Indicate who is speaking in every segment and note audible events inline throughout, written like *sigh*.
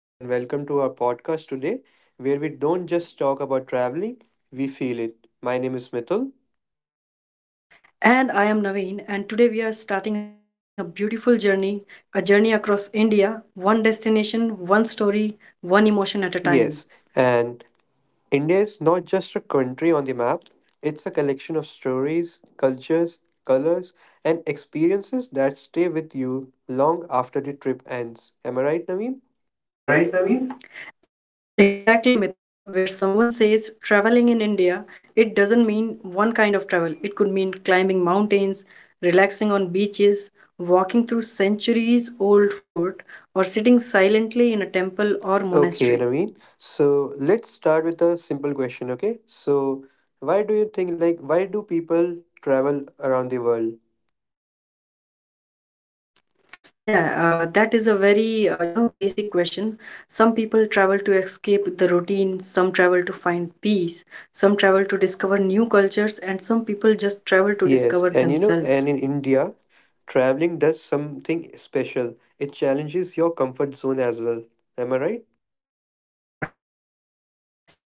Speaker 1: and welcome to our podcast today, where we don't just talk about traveling, we feel it. My name is Mithul.
Speaker 2: And I am Naveen, and today we are starting a beautiful journey, a journey across India, one destination, one story, one emotion at a time.
Speaker 1: Yes, and India is not just a country on the map, it's a collection of stories, cultures, colors, and experiences that stay with you long after the trip ends. Am I right, Naveen?
Speaker 2: Right? Exactly, Mithul. Where someone says traveling in India, it doesn't mean one kind of travel. It could mean climbing mountains, relaxing on beaches, walking through centuries old fort, or sitting silently in a temple or
Speaker 1: Okay,
Speaker 2: monastery.
Speaker 1: Naveen. So let's start with a simple question, okay? So, why do you think, why do people travel around the world?
Speaker 2: Yeah, that is a very basic question. Some people travel to escape the routine, some travel to find peace, some travel to discover new cultures, and some people just travel to
Speaker 1: Yes,
Speaker 2: discover
Speaker 1: and you know,
Speaker 2: themselves.
Speaker 1: and in India, traveling does something special. It challenges your comfort zone as well. Am I right?
Speaker 2: Am I right?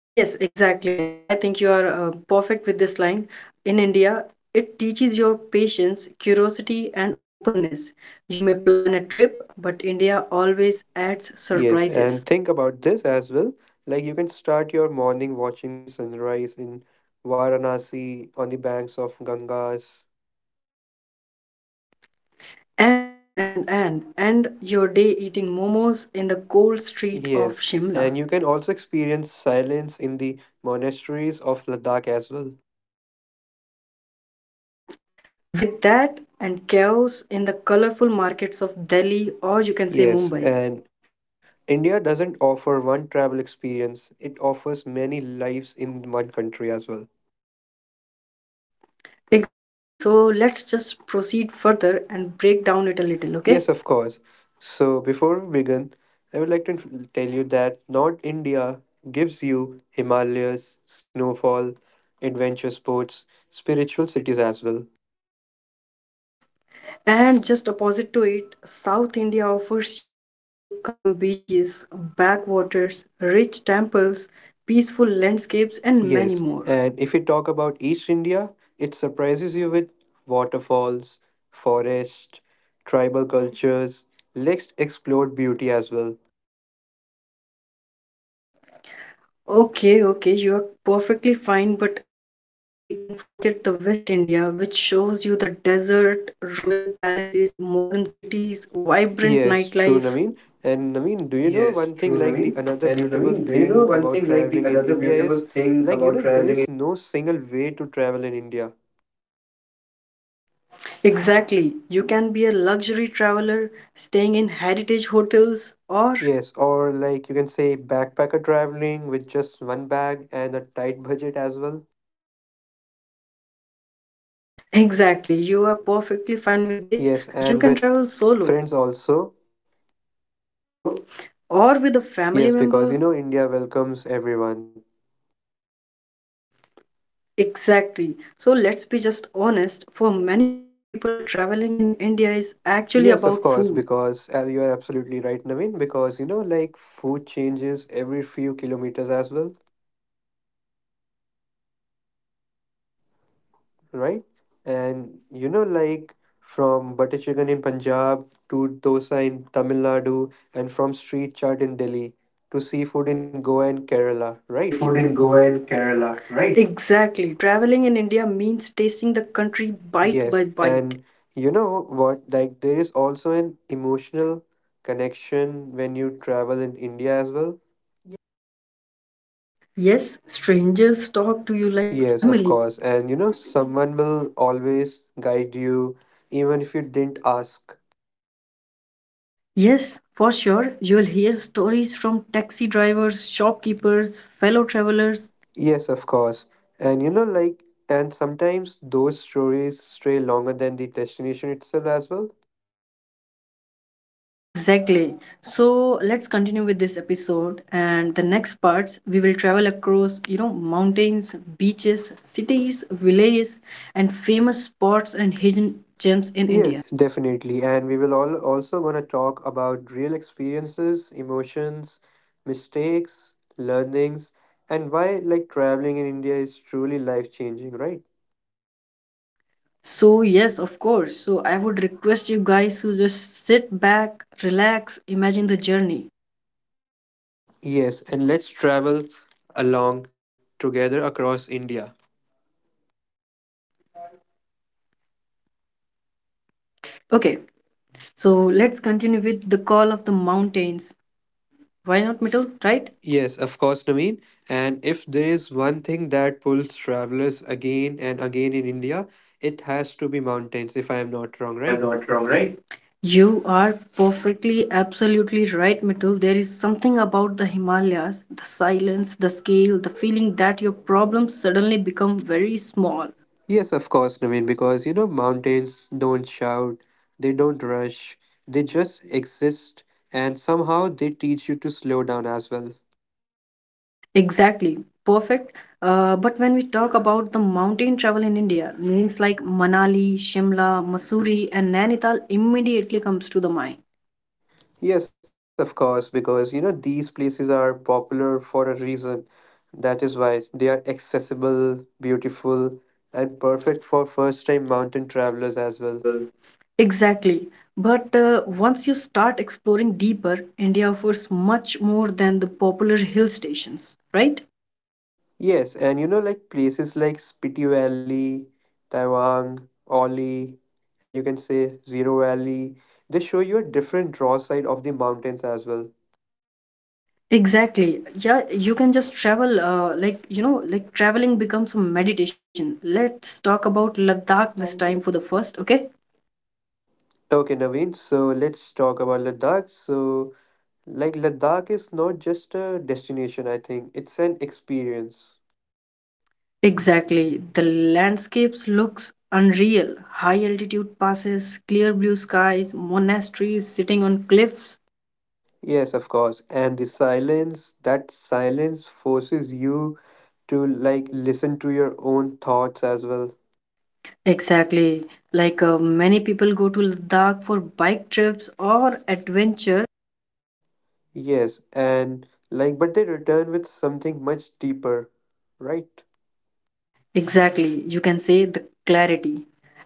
Speaker 2: Yes, exactly. I think you are perfect with this line. In India, it teaches your patience, curiosity, and openness. You may plan a trip, but India always adds
Speaker 1: Yes,
Speaker 2: surprises.
Speaker 1: and think about this as well. Like you can start your morning watching the sunrise in Varanasi on the banks of Gangas.
Speaker 2: And your day eating momos in the cold street of
Speaker 1: Yes,
Speaker 2: Shimla.
Speaker 1: and you can also experience silence in the monasteries of Ladakh as well.
Speaker 2: With that and chaos in the colorful markets of Delhi or you can say Mumbai.
Speaker 1: Yes, and India doesn't offer one travel experience, it offers many lives in one country as well.
Speaker 2: Exactly. So let's just proceed further and break down it a little, okay?
Speaker 1: Yes, of course. So, before we begin, I would like to tell you that North India gives you Himalayas, snowfall, adventure sports, spiritual cities as well.
Speaker 2: And just opposite to it, South India offers you calm beaches, backwaters, rich temples, peaceful landscapes and many more.
Speaker 1: Yes, and if you talk about East India, it surprises you with waterfalls, forest, tribal cultures, let's explore beauty as well.
Speaker 2: Okay, okay, you are perfectly fine, but how we can forget the West India, which shows you the desert, royal palaces, modern cities, vibrant nightlife.
Speaker 1: Yes, true, Naveen. And
Speaker 2: Yes,
Speaker 1: Naveen, do
Speaker 2: true,
Speaker 1: you know
Speaker 2: Naveen.
Speaker 1: one thing
Speaker 2: And
Speaker 1: like the
Speaker 2: Naveen, do
Speaker 1: another
Speaker 2: you know
Speaker 1: beautiful
Speaker 2: one thing like
Speaker 1: thing
Speaker 2: the
Speaker 1: about
Speaker 2: another
Speaker 1: traveling in
Speaker 2: beautiful
Speaker 1: India
Speaker 2: thing
Speaker 1: is
Speaker 2: about travel?
Speaker 1: like you know there is no single way to travel in India.
Speaker 2: Exactly. You can be a luxury traveler staying in heritage hotels or
Speaker 1: Yes, or like you can say backpacker traveling with just one bag and a tight budget as well.
Speaker 2: exactly. You are perfectly fine with this. You can
Speaker 1: Yes,
Speaker 2: travel
Speaker 1: and with
Speaker 2: solo,
Speaker 1: friends also.
Speaker 2: so, or with a family
Speaker 1: Yes, because
Speaker 2: member.
Speaker 1: you know India welcomes everyone.
Speaker 2: Exactly. So let's be just honest. For many people, traveling in India is actually about
Speaker 1: Yes, of
Speaker 2: food.
Speaker 1: course, because you are absolutely right, Naveen, because you know like food changes every few kilometers as well. Right? And you know, like from butter chicken in Punjab to dosa in Tamil
Speaker 2: Punjab to
Speaker 1: Nadu, and
Speaker 2: dosa
Speaker 1: from
Speaker 2: in
Speaker 1: street
Speaker 2: Tamil
Speaker 1: chaat in Delhi to seafood in Goa and Kerala,
Speaker 2: to
Speaker 1: right?
Speaker 2: seafood in Goa and Kerala, right? Exactly. Traveling in India means tasting the country bite by
Speaker 1: Yes,
Speaker 2: bite.
Speaker 1: and you know what? Like, there is also an emotional connection when you travel in India as well.
Speaker 2: India as well. Yes, strangers talk to you like a
Speaker 1: Yes, of
Speaker 2: family.
Speaker 1: course. And you know, someone will always guide you, even if you didn't ask.
Speaker 2: Yes, for sure, you'll hear stories from taxi drivers, shopkeepers, fellow travelers.
Speaker 1: Yes, of course. And you know, like, and sometimes those stories stray longer than the destination itself as well.
Speaker 2: Exactly. So let's continue with this episode and the next parts we will travel across, mountains, beaches, cities, villages and famous spots and hidden gems in India.
Speaker 1: Yes, definitely. And we will all also gonna talk about real experiences, emotions, mistakes, learnings, and why like traveling in India is truly life changing, right?
Speaker 2: Right. So yes, of course. So I would request you guys to just sit back, relax, imagine the journey.
Speaker 1: Yes, and let's travel along together across India.
Speaker 2: Okay. So let's continue with the call of the mountains. Why not, Mittal? Right?
Speaker 1: Yes, of course, Naveen. And if there is one thing that pulls travelers again and again in India, it has to be mountains, if I am not
Speaker 2: If
Speaker 1: wrong,
Speaker 2: I am
Speaker 1: right?
Speaker 2: not wrong, right? You are perfectly, absolutely right, Mitul. There is something about the Himalayas, the silence, the scale, the feeling that your problems suddenly become very small.
Speaker 1: Yes, of course, Naveen, because you know, mountains don't shout, they don't rush, they just exist, and somehow they teach you to slow down as well.
Speaker 2: Exactly, perfect. But when we talk about the mountain travel in India, names like Manali, Shimla, Mussoorie, and Nainital immediately comes to the mind.
Speaker 1: Yes, of course, because you know, these places are popular for a reason. That is why they are accessible, beautiful, and perfect for first time mountain travelers as
Speaker 2: As
Speaker 1: well.
Speaker 2: well. Exactly. But once you start exploring deeper, India offers much more than the popular hill stations, right?
Speaker 1: Yes, and you know, like places like Spiti Valley, Taiwan, Oli, and you can say Zero Valley, they show you a different raw side of the mountains as well.
Speaker 2: Exactly. Yeah, you can just travel, traveling becomes a meditation. Let's talk about Ladakh this time for the first, okay?
Speaker 1: Okay, Naveen, so let's talk about Ladakh. So, like, Ladakh is not just a destination, I think, it's an experience.
Speaker 2: Exactly. The landscapes looks unreal. High altitude passes, clear blue skies, monasteries sitting on cliffs.
Speaker 1: Yes, of course. And the silence, that silence forces you to like listen to your own thoughts as well.
Speaker 2: Exactly. Like many people go to Ladakh for bike trips or adventure.
Speaker 1: Yes, and like, but they return with something much deeper, right?
Speaker 2: Exactly. You can say the clarity.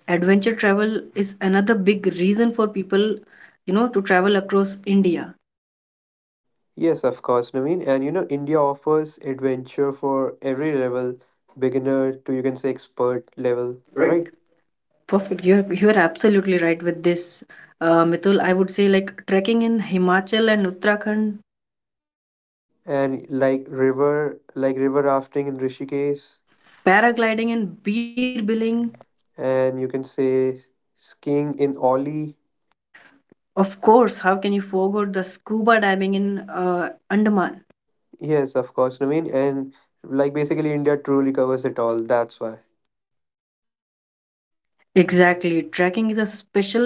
Speaker 2: Adventure travel is another big reason for people, to travel across India.
Speaker 1: Yes, of course, Naveen. And you know, India offers adventure for every level, beginner to you can say expert
Speaker 2: Level,
Speaker 1: level,
Speaker 2: right?
Speaker 1: right?
Speaker 2: Perfect. You're absolutely right with this, Mitul. I would say like trekking in Himachal and Uttarakhand.
Speaker 1: And like river rafting in
Speaker 2: Yes.
Speaker 1: Rishikesh,
Speaker 2: Paragliding in Beer Billing.
Speaker 1: and you can say skiing in Oli.
Speaker 2: Of course, how can you forget the scuba diving in uh, Andaman?
Speaker 1: Yes, of course, Naveen. And like basically, India truly covers it all. That's why.
Speaker 2: Exactly. Trekking is a special,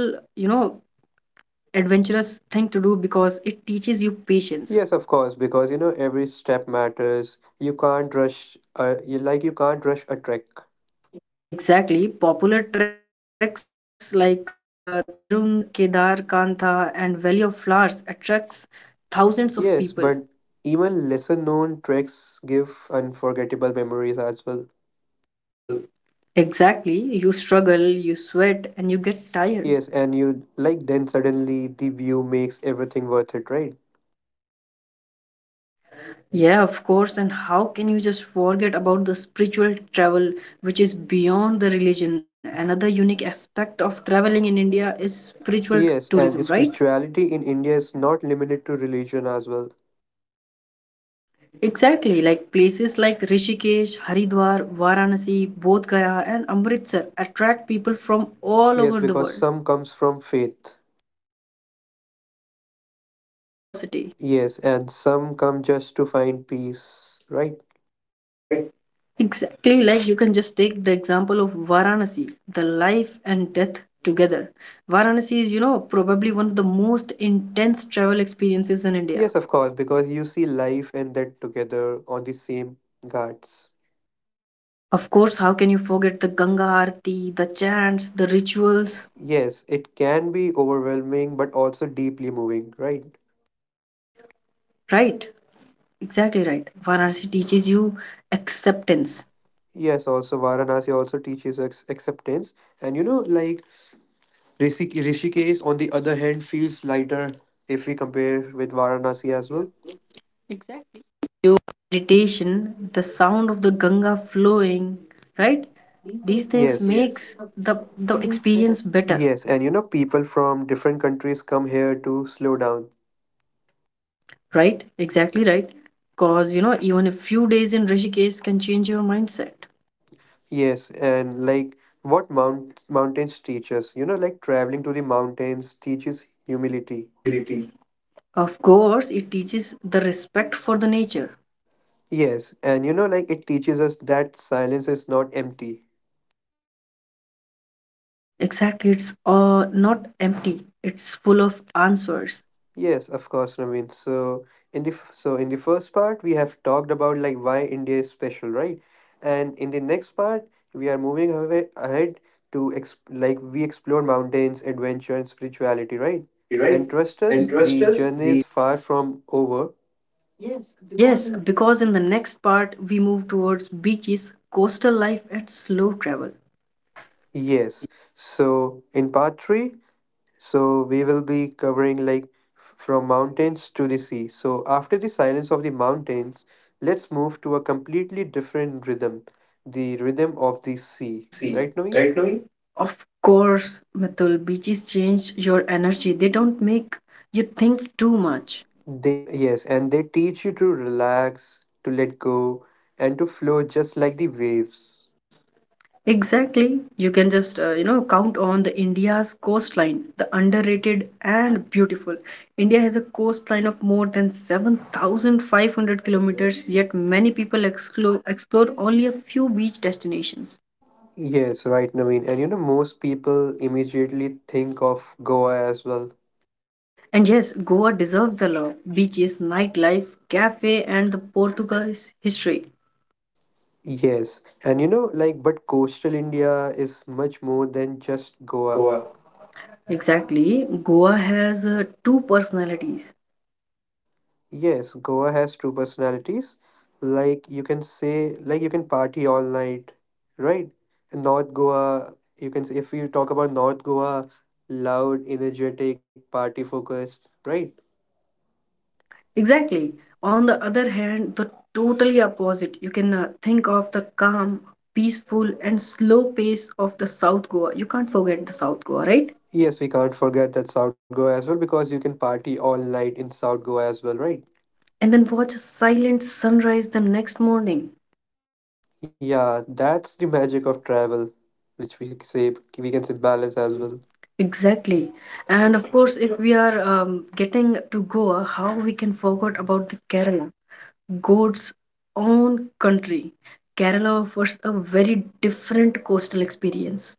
Speaker 2: adventurous thing to do because it teaches you patience.
Speaker 1: Yes, of course, because you know every step matters. You can't rush, you can't rush a trek.
Speaker 2: Exactly. Popular treks like Tirund, Kedar, Kantha, and Valley of Flowers attracts thousands of people.
Speaker 1: Yes, but even lesser known treks give unforgettable memories as well.
Speaker 2: Stories as well. Exactly. You struggle, you sweat, and you get tired.
Speaker 1: Yes, and you like then suddenly the view makes everything worth it, right?
Speaker 2: Yeah, of course. And how can you just forget about the spiritual travel, which is beyond the religion? Another unique aspect of traveling in India is spiritual
Speaker 1: Yes,
Speaker 2: tourism,
Speaker 1: and
Speaker 2: right?
Speaker 1: spirituality in India is not limited to religion as well.
Speaker 2: Exactly, like places like Rishikesh, Haridwar, Varanasi, Bodh Gaya, and Amritsar attract people from all
Speaker 1: Yes,
Speaker 2: over the
Speaker 1: because
Speaker 2: world,
Speaker 1: some comes from faith.
Speaker 2: and some with curiosity.
Speaker 1: Yes, and some come just to find peace, right?
Speaker 2: Right? Exactly, like you can just take the example of Varanasi, the life and death together. Varanasi is, probably one of the most intense travel experiences in
Speaker 1: Yes, of
Speaker 2: India.
Speaker 1: course, because you see life and death together on the same guards.
Speaker 2: Of course, how can you forget the Ganga Aarti, the chants, the rituals,
Speaker 1: Yes, it can be overwhelming but also deeply moving, right?
Speaker 2: right? Exactly right. Varanasi teaches you acceptance,
Speaker 1: Yes, also Varanasi also teaches acceptance. And you know, like Rishikesh, on the other hand, feels lighter if we compare with Varanasi as well.
Speaker 2: Ganga flowing, right?
Speaker 1: These things.
Speaker 2: These things yes,
Speaker 1: Yes,
Speaker 2: makes the the experience better,
Speaker 1: yes. And you know, people from different countries come here to slow down.
Speaker 2: right? Exactly right. Cause you know even a few days in Rishikesh can change your mindset.
Speaker 1: Yes, and like what mountains teach us, you know, like traveling to the mountains teaches humility.
Speaker 2: Humility. Of course, it teaches the respect for the nature.
Speaker 1: Yes, and you know, like it teaches us that silence is not empty.
Speaker 2: Exactly, it's not empty. It's full of answers.
Speaker 1: Yes, of course, Naveen. So in the so in the first part, we have talked about like why India is special, right? And in the next part, we are moving away, ahead to like we explore mountains, adventure, and spirituality, right?
Speaker 2: Reality, right?
Speaker 1: And trust
Speaker 2: And
Speaker 1: us,
Speaker 2: trust
Speaker 1: the
Speaker 2: us,
Speaker 1: journey
Speaker 2: the
Speaker 1: is far from over.
Speaker 2: yes, because in the next part we move towards beaches, coastal life, and slow travel.
Speaker 1: Yes. So in part three, so we will be covering like from mountains to the sea. So after the silence of the mountains, let's move to a completely different rhythm, the rhythm of the
Speaker 2: The
Speaker 1: sea.
Speaker 2: sea,
Speaker 1: Right, Naveen?
Speaker 2: right, Louis? Of course, Mitul, beaches change your energy. They don't make you think too much.
Speaker 1: They yes, and they teach you to relax, to let go, and to flow just like the waves.
Speaker 2: Yes, exactly. You can just, count on the India's coastline, the underrated and beautiful. India has a coastline of more than 7,500 kilometers, yet many people explore only a few beach destinations.
Speaker 1: Yes, right, Naveen. And you know, most people immediately think of Goa as well.
Speaker 2: And yes, Goa deserves the love. Beaches, nightlife, cafe, and the Portuguese history.
Speaker 1: Yes, and you know, like, but coastal India is much more than just Goa.
Speaker 2: Goa. Exactly. Goa has two personalities.
Speaker 1: Yes, Goa has two personalities. Like, you can say, like, you can party all night, right? And North Goa, you can say, if you talk about North Goa, loud, energetic, party focused, right?
Speaker 2: Exactly. On the other hand, the totally opposite. You can think of the calm, peaceful, and slow pace of the South Goa. You can't forget the South Goa, right?
Speaker 1: Yes, we can't forget that South Goa as well because you can party all night in South Goa as well,
Speaker 2: Right.
Speaker 1: right?
Speaker 2: And then watch a silent sunrise the next morning.
Speaker 1: Yeah, that's the magic of travel, which we say, we can say balance
Speaker 2: As
Speaker 1: as
Speaker 2: well.
Speaker 1: well.
Speaker 2: Exactly. And of course, if we are getting to Goa, how we can forget about the Kerala? God's own country, Kerala offers a very different coastal experience.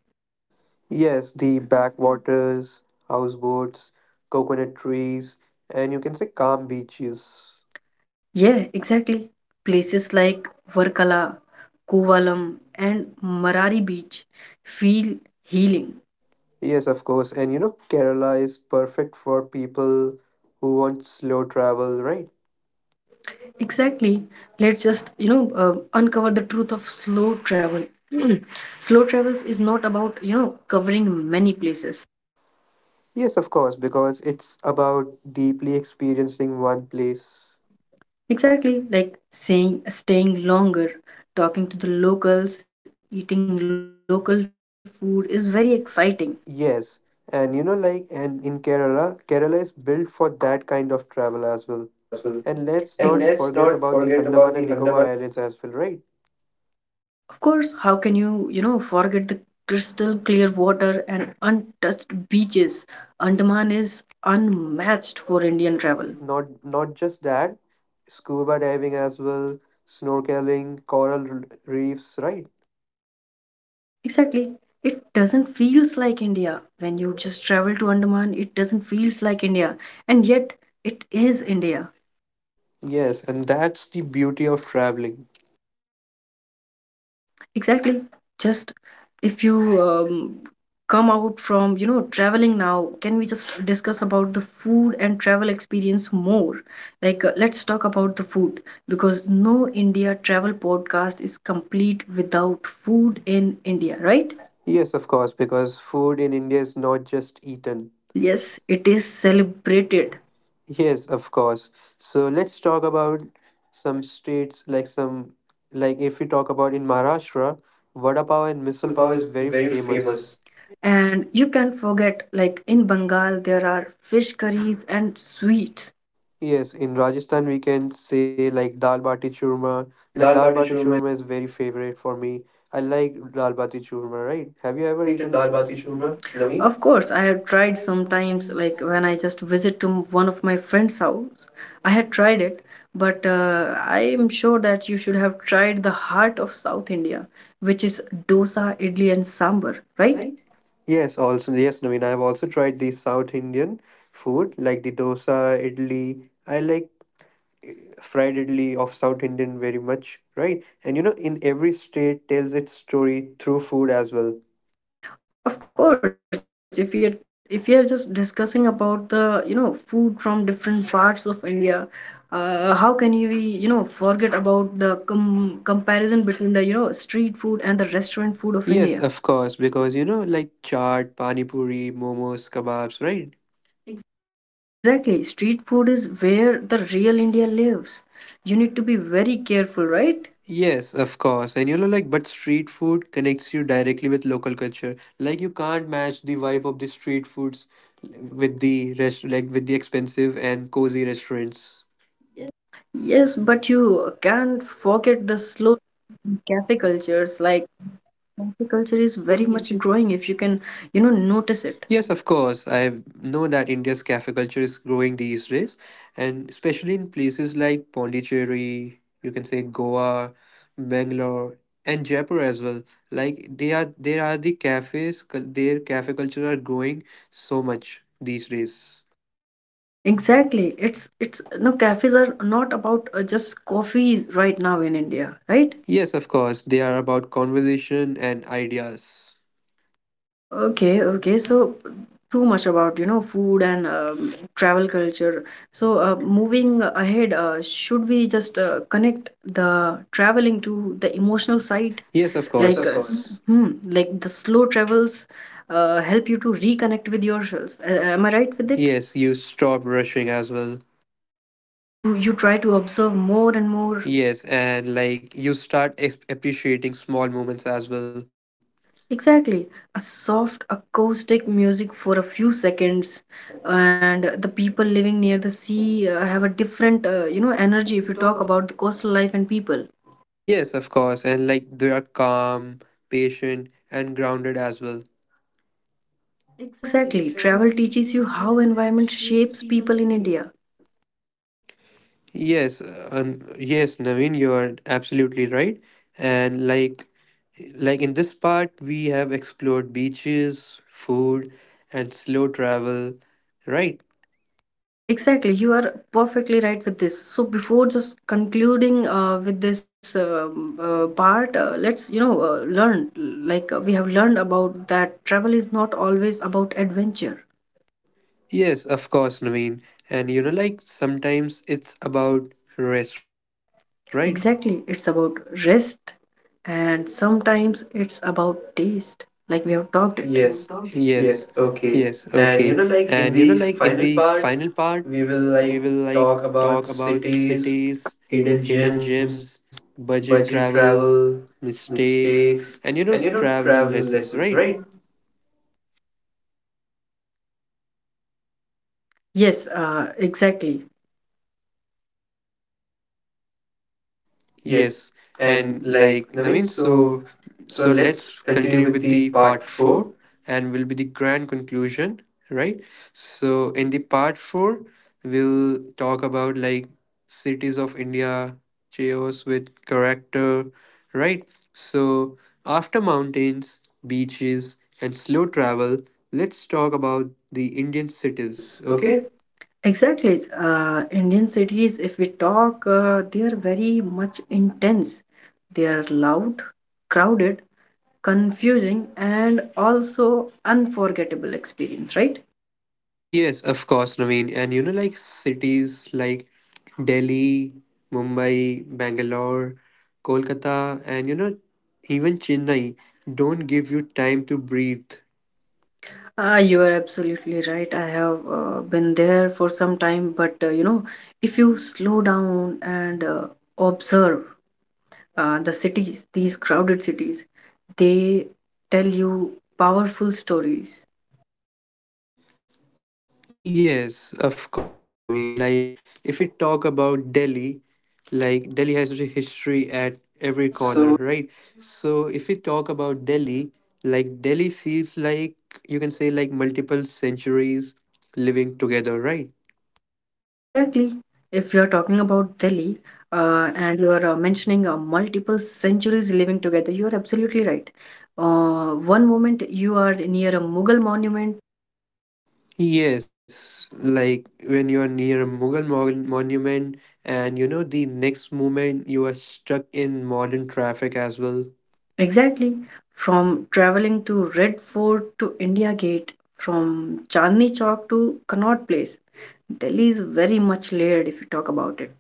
Speaker 1: Yes, the backwaters, houseboats, coconut trees, and you can say calm
Speaker 2: Yes.
Speaker 1: beaches.
Speaker 2: Yeah, exactly. Places like Varkala, Kovalam, and Marari Beach feel healing.
Speaker 1: Yes, of course. And you know, Kerala is perfect for people who want slow travel, right?
Speaker 2: Exactly. Let's just, uncover the truth of slow travel. *clears throat* Slow travels is not about, covering many places.
Speaker 1: Yes, of course, because it's about deeply experiencing one place.
Speaker 2: Exactly, like saying staying longer, talking to the locals, eating local food is very exciting.
Speaker 1: Yes, and you know, like, and in Kerala, Kerala is built for that kind of travel as well.
Speaker 2: As well.
Speaker 1: And let's
Speaker 2: And
Speaker 1: not
Speaker 2: let's
Speaker 1: forget
Speaker 2: not
Speaker 1: about the
Speaker 2: forget about
Speaker 1: Andaman and
Speaker 2: the
Speaker 1: Nicobar
Speaker 2: Andaman.
Speaker 1: Islands as well, right?
Speaker 2: Of course, how can you, forget the crystal clear water and untouched beaches? Andaman is unmatched for Indian travel.
Speaker 1: Not not just that scuba diving as well, snorkeling coral reefs, right?
Speaker 2: Exactly. It doesn't feels like India. When you just travel to Andaman, it doesn't feels like India. And yet it is India.
Speaker 1: Yes, and that's the beauty of traveling.
Speaker 2: Exactly. Just if you um, come out from, traveling now, can we just discuss about the food and travel experience more? Like, let's talk about the food because no India travel podcast is complete without food in India, right?
Speaker 1: Yes, of course, because food in India is not just
Speaker 2: Done.
Speaker 1: eaten.
Speaker 2: Yes, it is celebrated.
Speaker 1: Yes, of course, so let's talk about some states like some, like if we talk about in Maharashtra, vada
Speaker 2: Pav
Speaker 1: pav and
Speaker 2: and
Speaker 1: misal
Speaker 2: misal
Speaker 1: pav
Speaker 2: pav
Speaker 1: is
Speaker 2: is
Speaker 1: very
Speaker 2: very
Speaker 1: famous.
Speaker 2: famous. And you can't forget, like in Bengal, there are fish curries and sweets.
Speaker 1: Yes, in Rajasthan we can say like dal bati churma.
Speaker 2: Like
Speaker 1: Like
Speaker 2: dal
Speaker 1: dal
Speaker 2: bati
Speaker 1: bati
Speaker 2: churma.
Speaker 1: churma is very favorite for me. I like dal bati churma, right?
Speaker 2: Have you
Speaker 1: Have you
Speaker 2: ever
Speaker 1: ever
Speaker 2: eaten
Speaker 1: eaten
Speaker 2: dal
Speaker 1: dal
Speaker 2: bati
Speaker 1: bati
Speaker 2: churma,
Speaker 1: churma,
Speaker 2: Naveen? Of
Speaker 1: Naveen?
Speaker 2: course, I have tried sometimes, like when I just one of my friend's house. I had tried it, but I am sure that you should have tried the heart of South India, which is dosa, idli, and sambar, right?
Speaker 1: Yes, also yes, Naveen. I've also tried the South Indian food like the dosa, idli. I like eh, fried idli of South Indian very much, right? And you know, in every state tells its story through food as well.
Speaker 2: Of course, if you're just discussing about the food from different parts of India, how can you be forget about the comparison between the street food and the restaurant food of
Speaker 1: Yes,
Speaker 2: India?
Speaker 1: of course, because you know, like chaat, pani puri, momos, kebabs, right?
Speaker 2: Exactly. Street food is where the real India lives. You need to be very careful, right?
Speaker 1: Yes, of course. And you know, like, but street food connects you directly with local culture. Like, you can't match the vibe of the street foods with the rest, like, with the expensive and cozy restaurants.
Speaker 2: Yes, but you can't forget the slow cafe cultures. Like cafe culture is very much growing if you can, notice it.
Speaker 1: Yes, of course. I know that India's cafe culture is growing these days, and especially in places like Pondicherry, you can say Goa, Bangalore, and Jaipur as well. Like, there are the cafes, their cafe culture are growing so much these days.
Speaker 2: Exactly. It's no, cafes are not about just coffee right now in India, right?
Speaker 1: Yes, of course, they are about conversation and ideas.
Speaker 2: Okay, okay. So too much about, food and travel culture. So moving ahead, should we just connect the traveling to the emotional side?
Speaker 1: Yes, of
Speaker 2: Yes, like, of uh,
Speaker 1: course.
Speaker 2: s- course. Hmm, like the slow travels help you to reconnect with yourself. Am I right with it?
Speaker 1: Yes, you stop rushing as well.
Speaker 2: You try to observe more and more.
Speaker 1: Yes, and like you start appreciating small moments as well.
Speaker 2: Exactly. A soft acoustic music for a few seconds, and the people living near the sea have a different, energy if you talk about the coastal life and people.
Speaker 1: Yes, of course, and like they are calm, patient, and grounded as well.
Speaker 2: Exactly. Travel teaches you how environment shapes people in India.
Speaker 1: Yes, yes, Naveen, you are absolutely right. And like in this part, we have explored beaches, food, and slow travel, right?
Speaker 2: Exactly. You are perfectly right with this. So before just concluding with this part, let's, learn like we have learned about that travel is not always about adventure.
Speaker 1: Yes, of course, Naveen. And you know, like sometimes it's about rest, right?
Speaker 2: Exactly. It's about rest and sometimes it's about taste,
Speaker 1: Like
Speaker 2: we
Speaker 1: we
Speaker 2: have
Speaker 1: have talked.
Speaker 2: talked it. Yes,
Speaker 1: Yes,
Speaker 2: yes,
Speaker 1: yes, okay.
Speaker 2: okay.
Speaker 1: And
Speaker 2: And
Speaker 1: you
Speaker 2: you
Speaker 1: know,
Speaker 2: know, like
Speaker 1: like in
Speaker 2: in
Speaker 1: the
Speaker 2: the final
Speaker 1: final part,
Speaker 2: part,
Speaker 1: we
Speaker 2: we will
Speaker 1: will
Speaker 2: like
Speaker 1: like talk
Speaker 2: talk about
Speaker 1: about
Speaker 2: cities,
Speaker 1: cities,
Speaker 2: hidden
Speaker 1: hidden
Speaker 2: gems,
Speaker 1: gems,
Speaker 2: budget
Speaker 1: budget
Speaker 2: travel,
Speaker 1: travel,
Speaker 2: mistakes,
Speaker 1: mistakes,
Speaker 2: and you know,
Speaker 1: and you know,
Speaker 2: travel
Speaker 1: travel
Speaker 2: lessons, right?
Speaker 1: lessons, right?
Speaker 2: Yes, exactly. Yes,
Speaker 1: Yes,
Speaker 2: and
Speaker 1: and
Speaker 2: like
Speaker 1: like
Speaker 2: Naveen,
Speaker 1: Naveen,
Speaker 2: so
Speaker 1: so
Speaker 2: so
Speaker 1: so
Speaker 2: let's
Speaker 1: let's
Speaker 2: continue
Speaker 1: continue
Speaker 2: with
Speaker 1: with
Speaker 2: the
Speaker 1: the
Speaker 2: part
Speaker 1: part
Speaker 2: four.
Speaker 1: four, and will be the grand conclusion, right? So in the part four, we'll talk about like cities of India, chaos with character, right? So after mountains, beaches, and slow travel, let's talk about the Indian
Speaker 2: It is
Speaker 1: cities, okay?
Speaker 2: okay. Exactly. Indian cities, if we talk, they are very much intense. They are loud, crowded, confusing, and also unforgettable experience, right?
Speaker 1: Yes, of course, Naveen. And you know, like cities like Delhi, Mumbai, Bangalore, Kolkata, and you know, even Chennai don't give you time to breathe.
Speaker 2: You are absolutely right. I have been there for some time, but if you slow down and observe the cities, these crowded cities, they tell you powerful stories.
Speaker 1: Yes, of course, Naveen. Like, if we talk about Delhi, like, Delhi has such a history at every corner, right?
Speaker 2: So
Speaker 1: So, if we talk about Delhi, like, Delhi feels like you can say, like, multiple centuries living together, right?
Speaker 2: Exactly. If you're talking about Delhi and you are mentioning multiple centuries living together, you are absolutely right. One moment you are near a Mughal monument,
Speaker 1: Yes, like when you are near a monument, and you know, the next moment you are stuck in modern traffic as well.
Speaker 2: exactly, from traveling to Red Fort to India Gate, from Chandni Chowk to Connaught Place. Delhi is very much layered if you talk about it.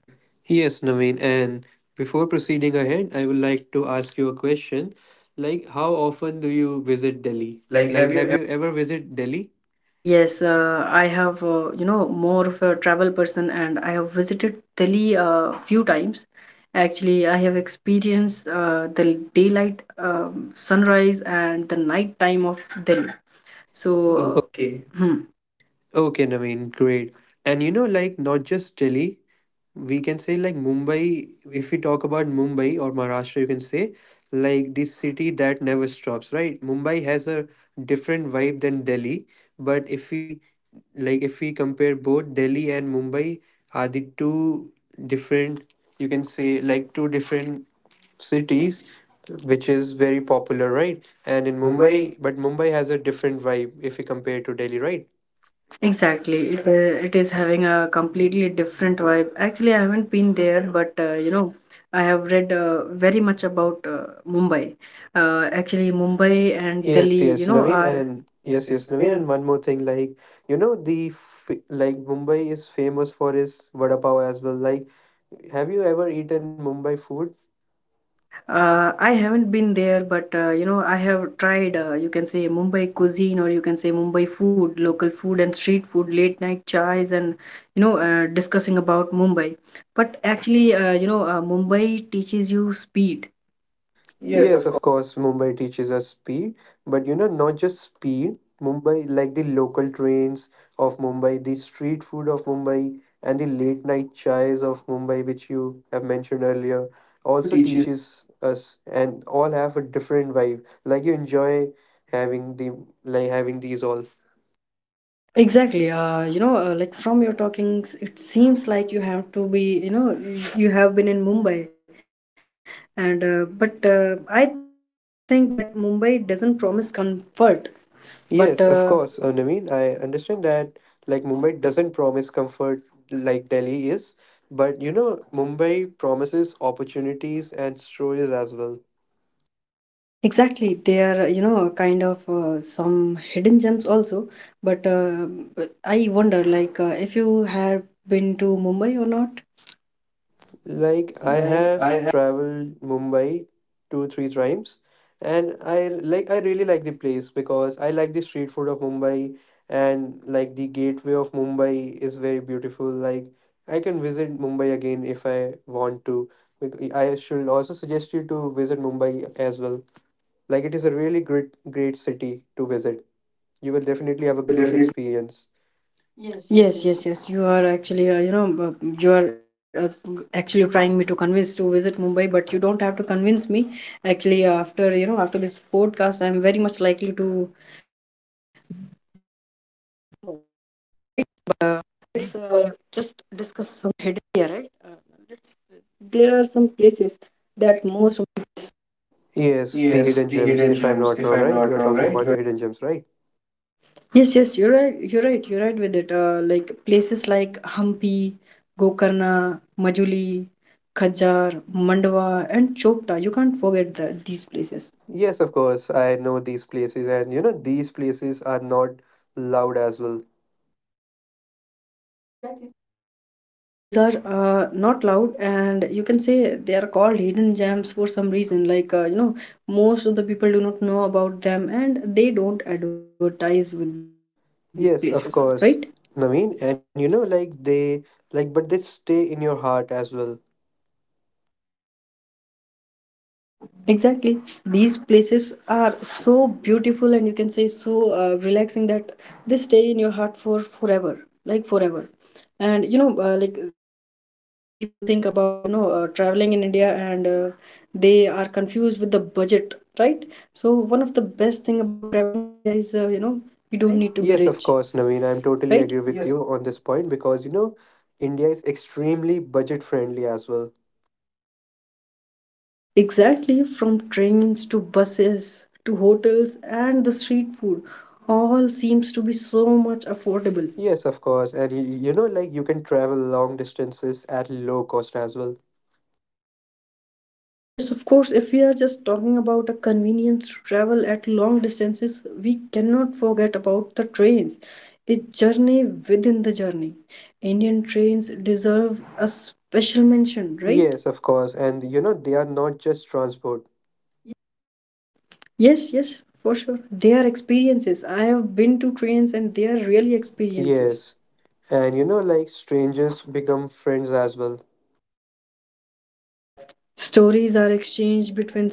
Speaker 1: Yes, Naveen, and before proceeding ahead, I would like to ask you a question. Like, how often do you visit Delhi?
Speaker 2: Like,
Speaker 1: Like,
Speaker 2: have
Speaker 1: have
Speaker 2: you
Speaker 1: you ever visited Delhi?
Speaker 2: Yes, I have, more of a travel person and I have visited Delhi a few times. Actually, I have experienced the daylight, sunrise, and the night time of Delhi. So, Okay.
Speaker 1: Okay, Naveen, great. And you know, like, not just Delhi, we can say like Mumbai, if we talk about Mumbai or Maharashtra, you can say like this city that never stops, right? Mumbai has a different vibe than Delhi, but if we like if we compare both Delhi and Mumbai are the two different, you can say like two different cities which is very popular, right?
Speaker 2: And
Speaker 1: And
Speaker 2: in
Speaker 1: in
Speaker 2: Mumbai,
Speaker 1: Mumbai, but Mumbai has a different vibe if we compare to Delhi, right?
Speaker 2: exactly, it is having a completely different vibe. Actually, I haven't been there, but I have read very much about Mumbai. Actually, Mumbai and yes,
Speaker 1: Yes,
Speaker 2: Delhi, yes, you
Speaker 1: yes,
Speaker 2: know, Naveen
Speaker 1: Naveen,
Speaker 2: are and
Speaker 1: and
Speaker 2: yes, yes, Naveen.
Speaker 1: one more thing, like you know, the f like Mumbai is famous for its vada pav as well. Like, have you ever eaten Mumbai food?
Speaker 2: I haven't been there, but I have tried, you can say Mumbai cuisine or you can say Mumbai food, local food and street food, late night chais, and discussing about Mumbai. But actually, Mumbai teaches you speed. Yes,
Speaker 1: Yes,
Speaker 2: of course.
Speaker 1: of course, Mumbai teaches us speed, but you know, not just speed. Mumbai, like the local trains of Mumbai, the street food of Mumbai, and the late night chais of Mumbai, which you have mentioned earlier, also
Speaker 2: Also teaches.
Speaker 1: teaches us, and all have a different vibe. Like you enjoy having the like having these all.
Speaker 2: Exactly. Like from your talkings, it seems like you have to be, you know, you have been in Mumbai, and but I think that Mumbai doesn't promise comfort, but
Speaker 1: Yes, of course, Naveen. I understand that like Mumbai doesn't promise comfort like Delhi is, but you know, Mumbai promises opportunities and stories as well.
Speaker 2: Exactly, they are, you know, kind of some hidden gems also. But uh, but I wonder, like, if you have been to Mumbai or not?
Speaker 1: Like I
Speaker 2: Like I
Speaker 1: have
Speaker 2: have,
Speaker 1: traveled Mumbai two, three times, and I really like the place because I like the street food of Mumbai and like the gateway of Mumbai is very beautiful. Like I can visit Mumbai again if I want to. I should also suggest you to visit Mumbai as well. Like it is a really great city to visit. You will
Speaker 2: you were
Speaker 1: definitely have a
Speaker 2: definitely.
Speaker 1: great experience.
Speaker 2: Yes, yes, yes. You are actually, you are actually trying me to convince to visit Mumbai, but you don't have to convince me. Actually, after this podcast, I'm very much likely to
Speaker 1: Yes, the hidden gems, if I'm not wrong,
Speaker 2: if
Speaker 1: right?
Speaker 2: I'm
Speaker 1: You're
Speaker 2: not
Speaker 1: talking
Speaker 2: wrong,
Speaker 1: about the
Speaker 2: right? You're
Speaker 1: hidden gems, right?
Speaker 2: right. Yes, yes, you're right. You're right. You're right with it. Like places like Hampi, Gokarna, Majuli, Khajjar, Mandwa, and Chopta. You can't forget these places.
Speaker 1: Yes, of course. I know these places, and you know, these places are not loud as well.
Speaker 2: Exactly. These are not loud, and you can say they are called hidden gems for some reason. Most of the people do not know about them, and they don't advertise with these places, right?
Speaker 1: Yes, of course, Naveen. And you know, like, but they stay in your heart as well.
Speaker 2: Exactly. These places are so beautiful and you can say so relaxing that they stay in your heart for forever, like forever. And some people think about, traveling in India and they are confused with the budget, right? So one of the best thing about traveling in India is, you don't need to be
Speaker 1: Yes, of
Speaker 2: rich,
Speaker 1: course, Naveen. I'm totally agree
Speaker 2: right?
Speaker 1: with
Speaker 2: Yes.
Speaker 1: you on this point because you know, India is extremely budget friendly as well.
Speaker 2: Exactly, from trains to buses to hotels and the street food, all seems to be so much affordable.
Speaker 1: Yes, of course. You know, like, you can travel long distances at low cost as well.
Speaker 2: Yes, of course, if we are just talking about a convenience to travel at long distances, we cannot forget about the trains. A journey within the journey. Indian trains deserve a special mention, right?
Speaker 1: Yes, of course. And you know, they are not just transport.
Speaker 2: Yes, yes, for sure. They are experiences. I have been to trains and they are really experiences.
Speaker 1: Yes. And you know, like strangers become friends as well.
Speaker 2: Stories are exchanged between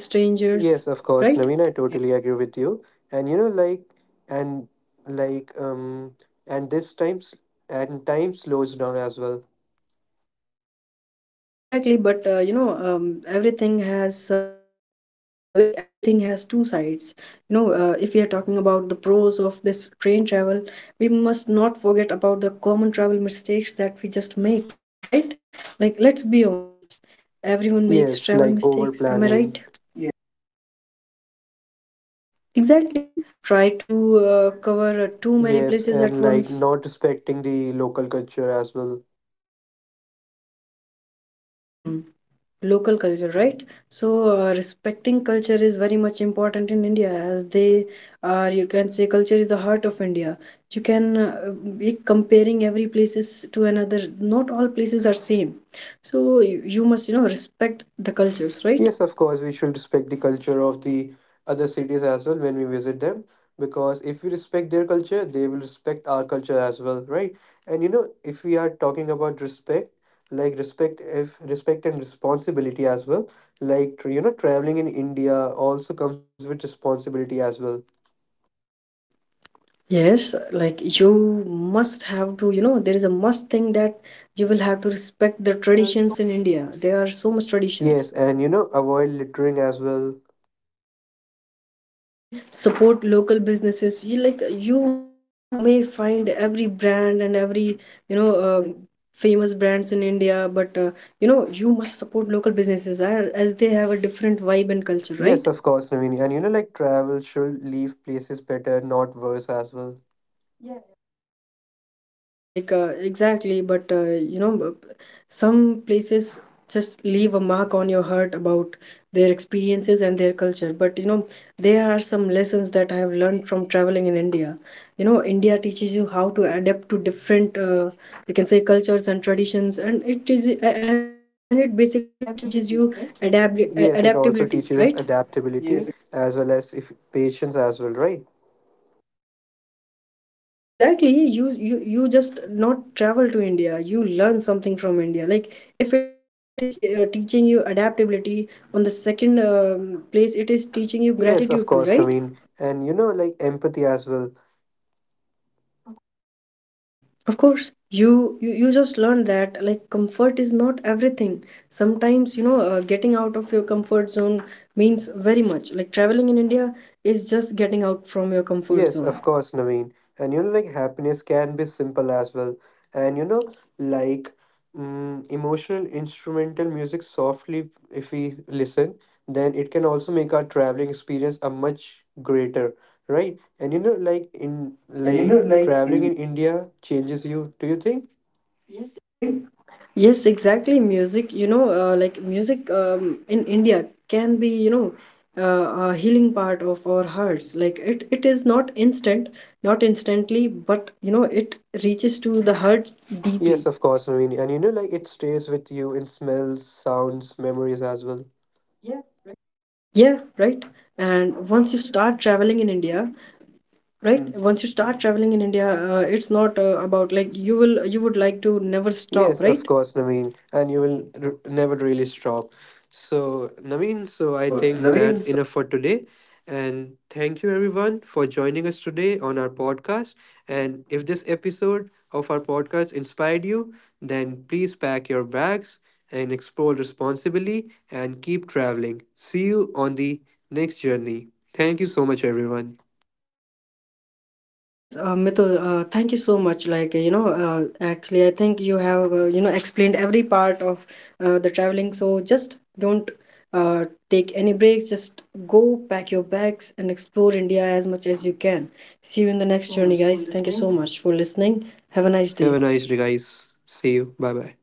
Speaker 1: Yes,
Speaker 2: strangers,
Speaker 1: of course,
Speaker 2: right?
Speaker 1: Naveen, I totally agree with you. And you know, and like, and this times and time slows down as well.
Speaker 2: Exactly, but everything has some everything has two sides. If we are talking about the pros of this train travel, we must not forget about the common travel mistakes that we just make, right? Like, let's be honest, everyone makes
Speaker 1: Yes,
Speaker 2: travel
Speaker 1: like over
Speaker 2: mistakes. Am I
Speaker 1: planning.
Speaker 2: right? Yeah. Exactly. Try to cover too many
Speaker 1: Yes,
Speaker 2: places
Speaker 1: and
Speaker 2: at
Speaker 1: like
Speaker 2: once.
Speaker 1: not respecting the local culture as well.
Speaker 2: Hmm. Local culture, right? So, respecting culture is very much important in India, as they are, you can say culture is the heart of India. You can be comparing every places to another. Not all places are same, so you must, you know, respect the cultures, right?
Speaker 1: Yes, of course, we should respect the culture of the other cities as well when we visit them because if we respect their culture, they will respect our culture as well, right? And you know, if we are talking about respect, like respect if respect and responsibility as well, like you know, traveling in India also comes with responsibility as well.
Speaker 2: Yes, like you must have to, know, there is a must thing that you will have to respect the traditions in India. There are so much
Speaker 1: Yes,
Speaker 2: traditions.
Speaker 1: and you know, avoid littering as well.
Speaker 2: Exactly. Support local businesses. You like you may find every brand and every you know uh, famous brands in India, but you must support local businesses as they have a different vibe and culture, right?
Speaker 1: Yes, of course, Naveen. And you know, like travel should leave places better, not worse as well.
Speaker 2: Yeah, yeah, like exactly. But some places just leave a mark on your heart about their experiences and their culture. But you know, there are some lessons that I have learned from traveling in India. You know, India teaches you how to adapt to different, you can say, cultures and traditions, and it basically teaches you adapt
Speaker 1: Yes, it also
Speaker 2: adaptability,
Speaker 1: teaches us
Speaker 2: right?
Speaker 1: adaptability as well as if patience as well, right?
Speaker 2: Exactly. Yeah, You just not travel to India. You learn something from India. Like if it is teaching you adaptability, on the second place, it is teaching you
Speaker 1: Yes, of
Speaker 2: gratitude too,
Speaker 1: course,
Speaker 2: right?
Speaker 1: Naveen. And you know, like empathy as well.
Speaker 2: Of course. You just learn that like comfort is not everything. Sometimes you know getting out of your comfort zone means very much. Like traveling in India is just getting out from your comfort
Speaker 1: Yes,
Speaker 2: zone.
Speaker 1: of course, Naveen. And you know, like happiness can be simple as well. And you know, like emotional instrumental music softly, if we listen, then it can also make our traveling experience a much greater, right? And you know,
Speaker 2: And you know,
Speaker 1: like
Speaker 2: like,
Speaker 1: traveling
Speaker 2: in,
Speaker 1: in India changes you. Do you think?
Speaker 2: do Yes, exactly. Music, like music in India can be, a healing part of our hearts. Like it is not instant, not instantly, but you know, it reaches to the heart deeply.
Speaker 1: Yes, of course, Naveen. And you know, like it stays with you in smells, sounds, memories as well.
Speaker 2: Mhm. Yeah, right. And once you start traveling in India, right? Mm. Once you start traveling in India, it's not about like you would like to never stop,
Speaker 1: Yes, of
Speaker 2: right?
Speaker 1: course, Naveen. And you will never really stop. So, Naveen, so I
Speaker 2: So,
Speaker 1: think
Speaker 2: Naveen,
Speaker 1: that's enough for today. And thank you, everyone, for joining us today on our podcast. And if this episode of our podcast inspired you, then please pack your bags and explore responsibly and keep traveling. See you on the next journey. Thank you so much, everyone.
Speaker 2: thank you so much, everyone. Yes, Mitul, thank you so much. Like, actually, I think you have, explained every part of the traveling. So just don't uh, take any breaks. Just go pack your bags and explore India as much as you can. See you in the next journey, guys. Thank you so much for listening. Have a nice
Speaker 1: Have a
Speaker 2: day.
Speaker 1: nice day, guys. See you. Bye bye.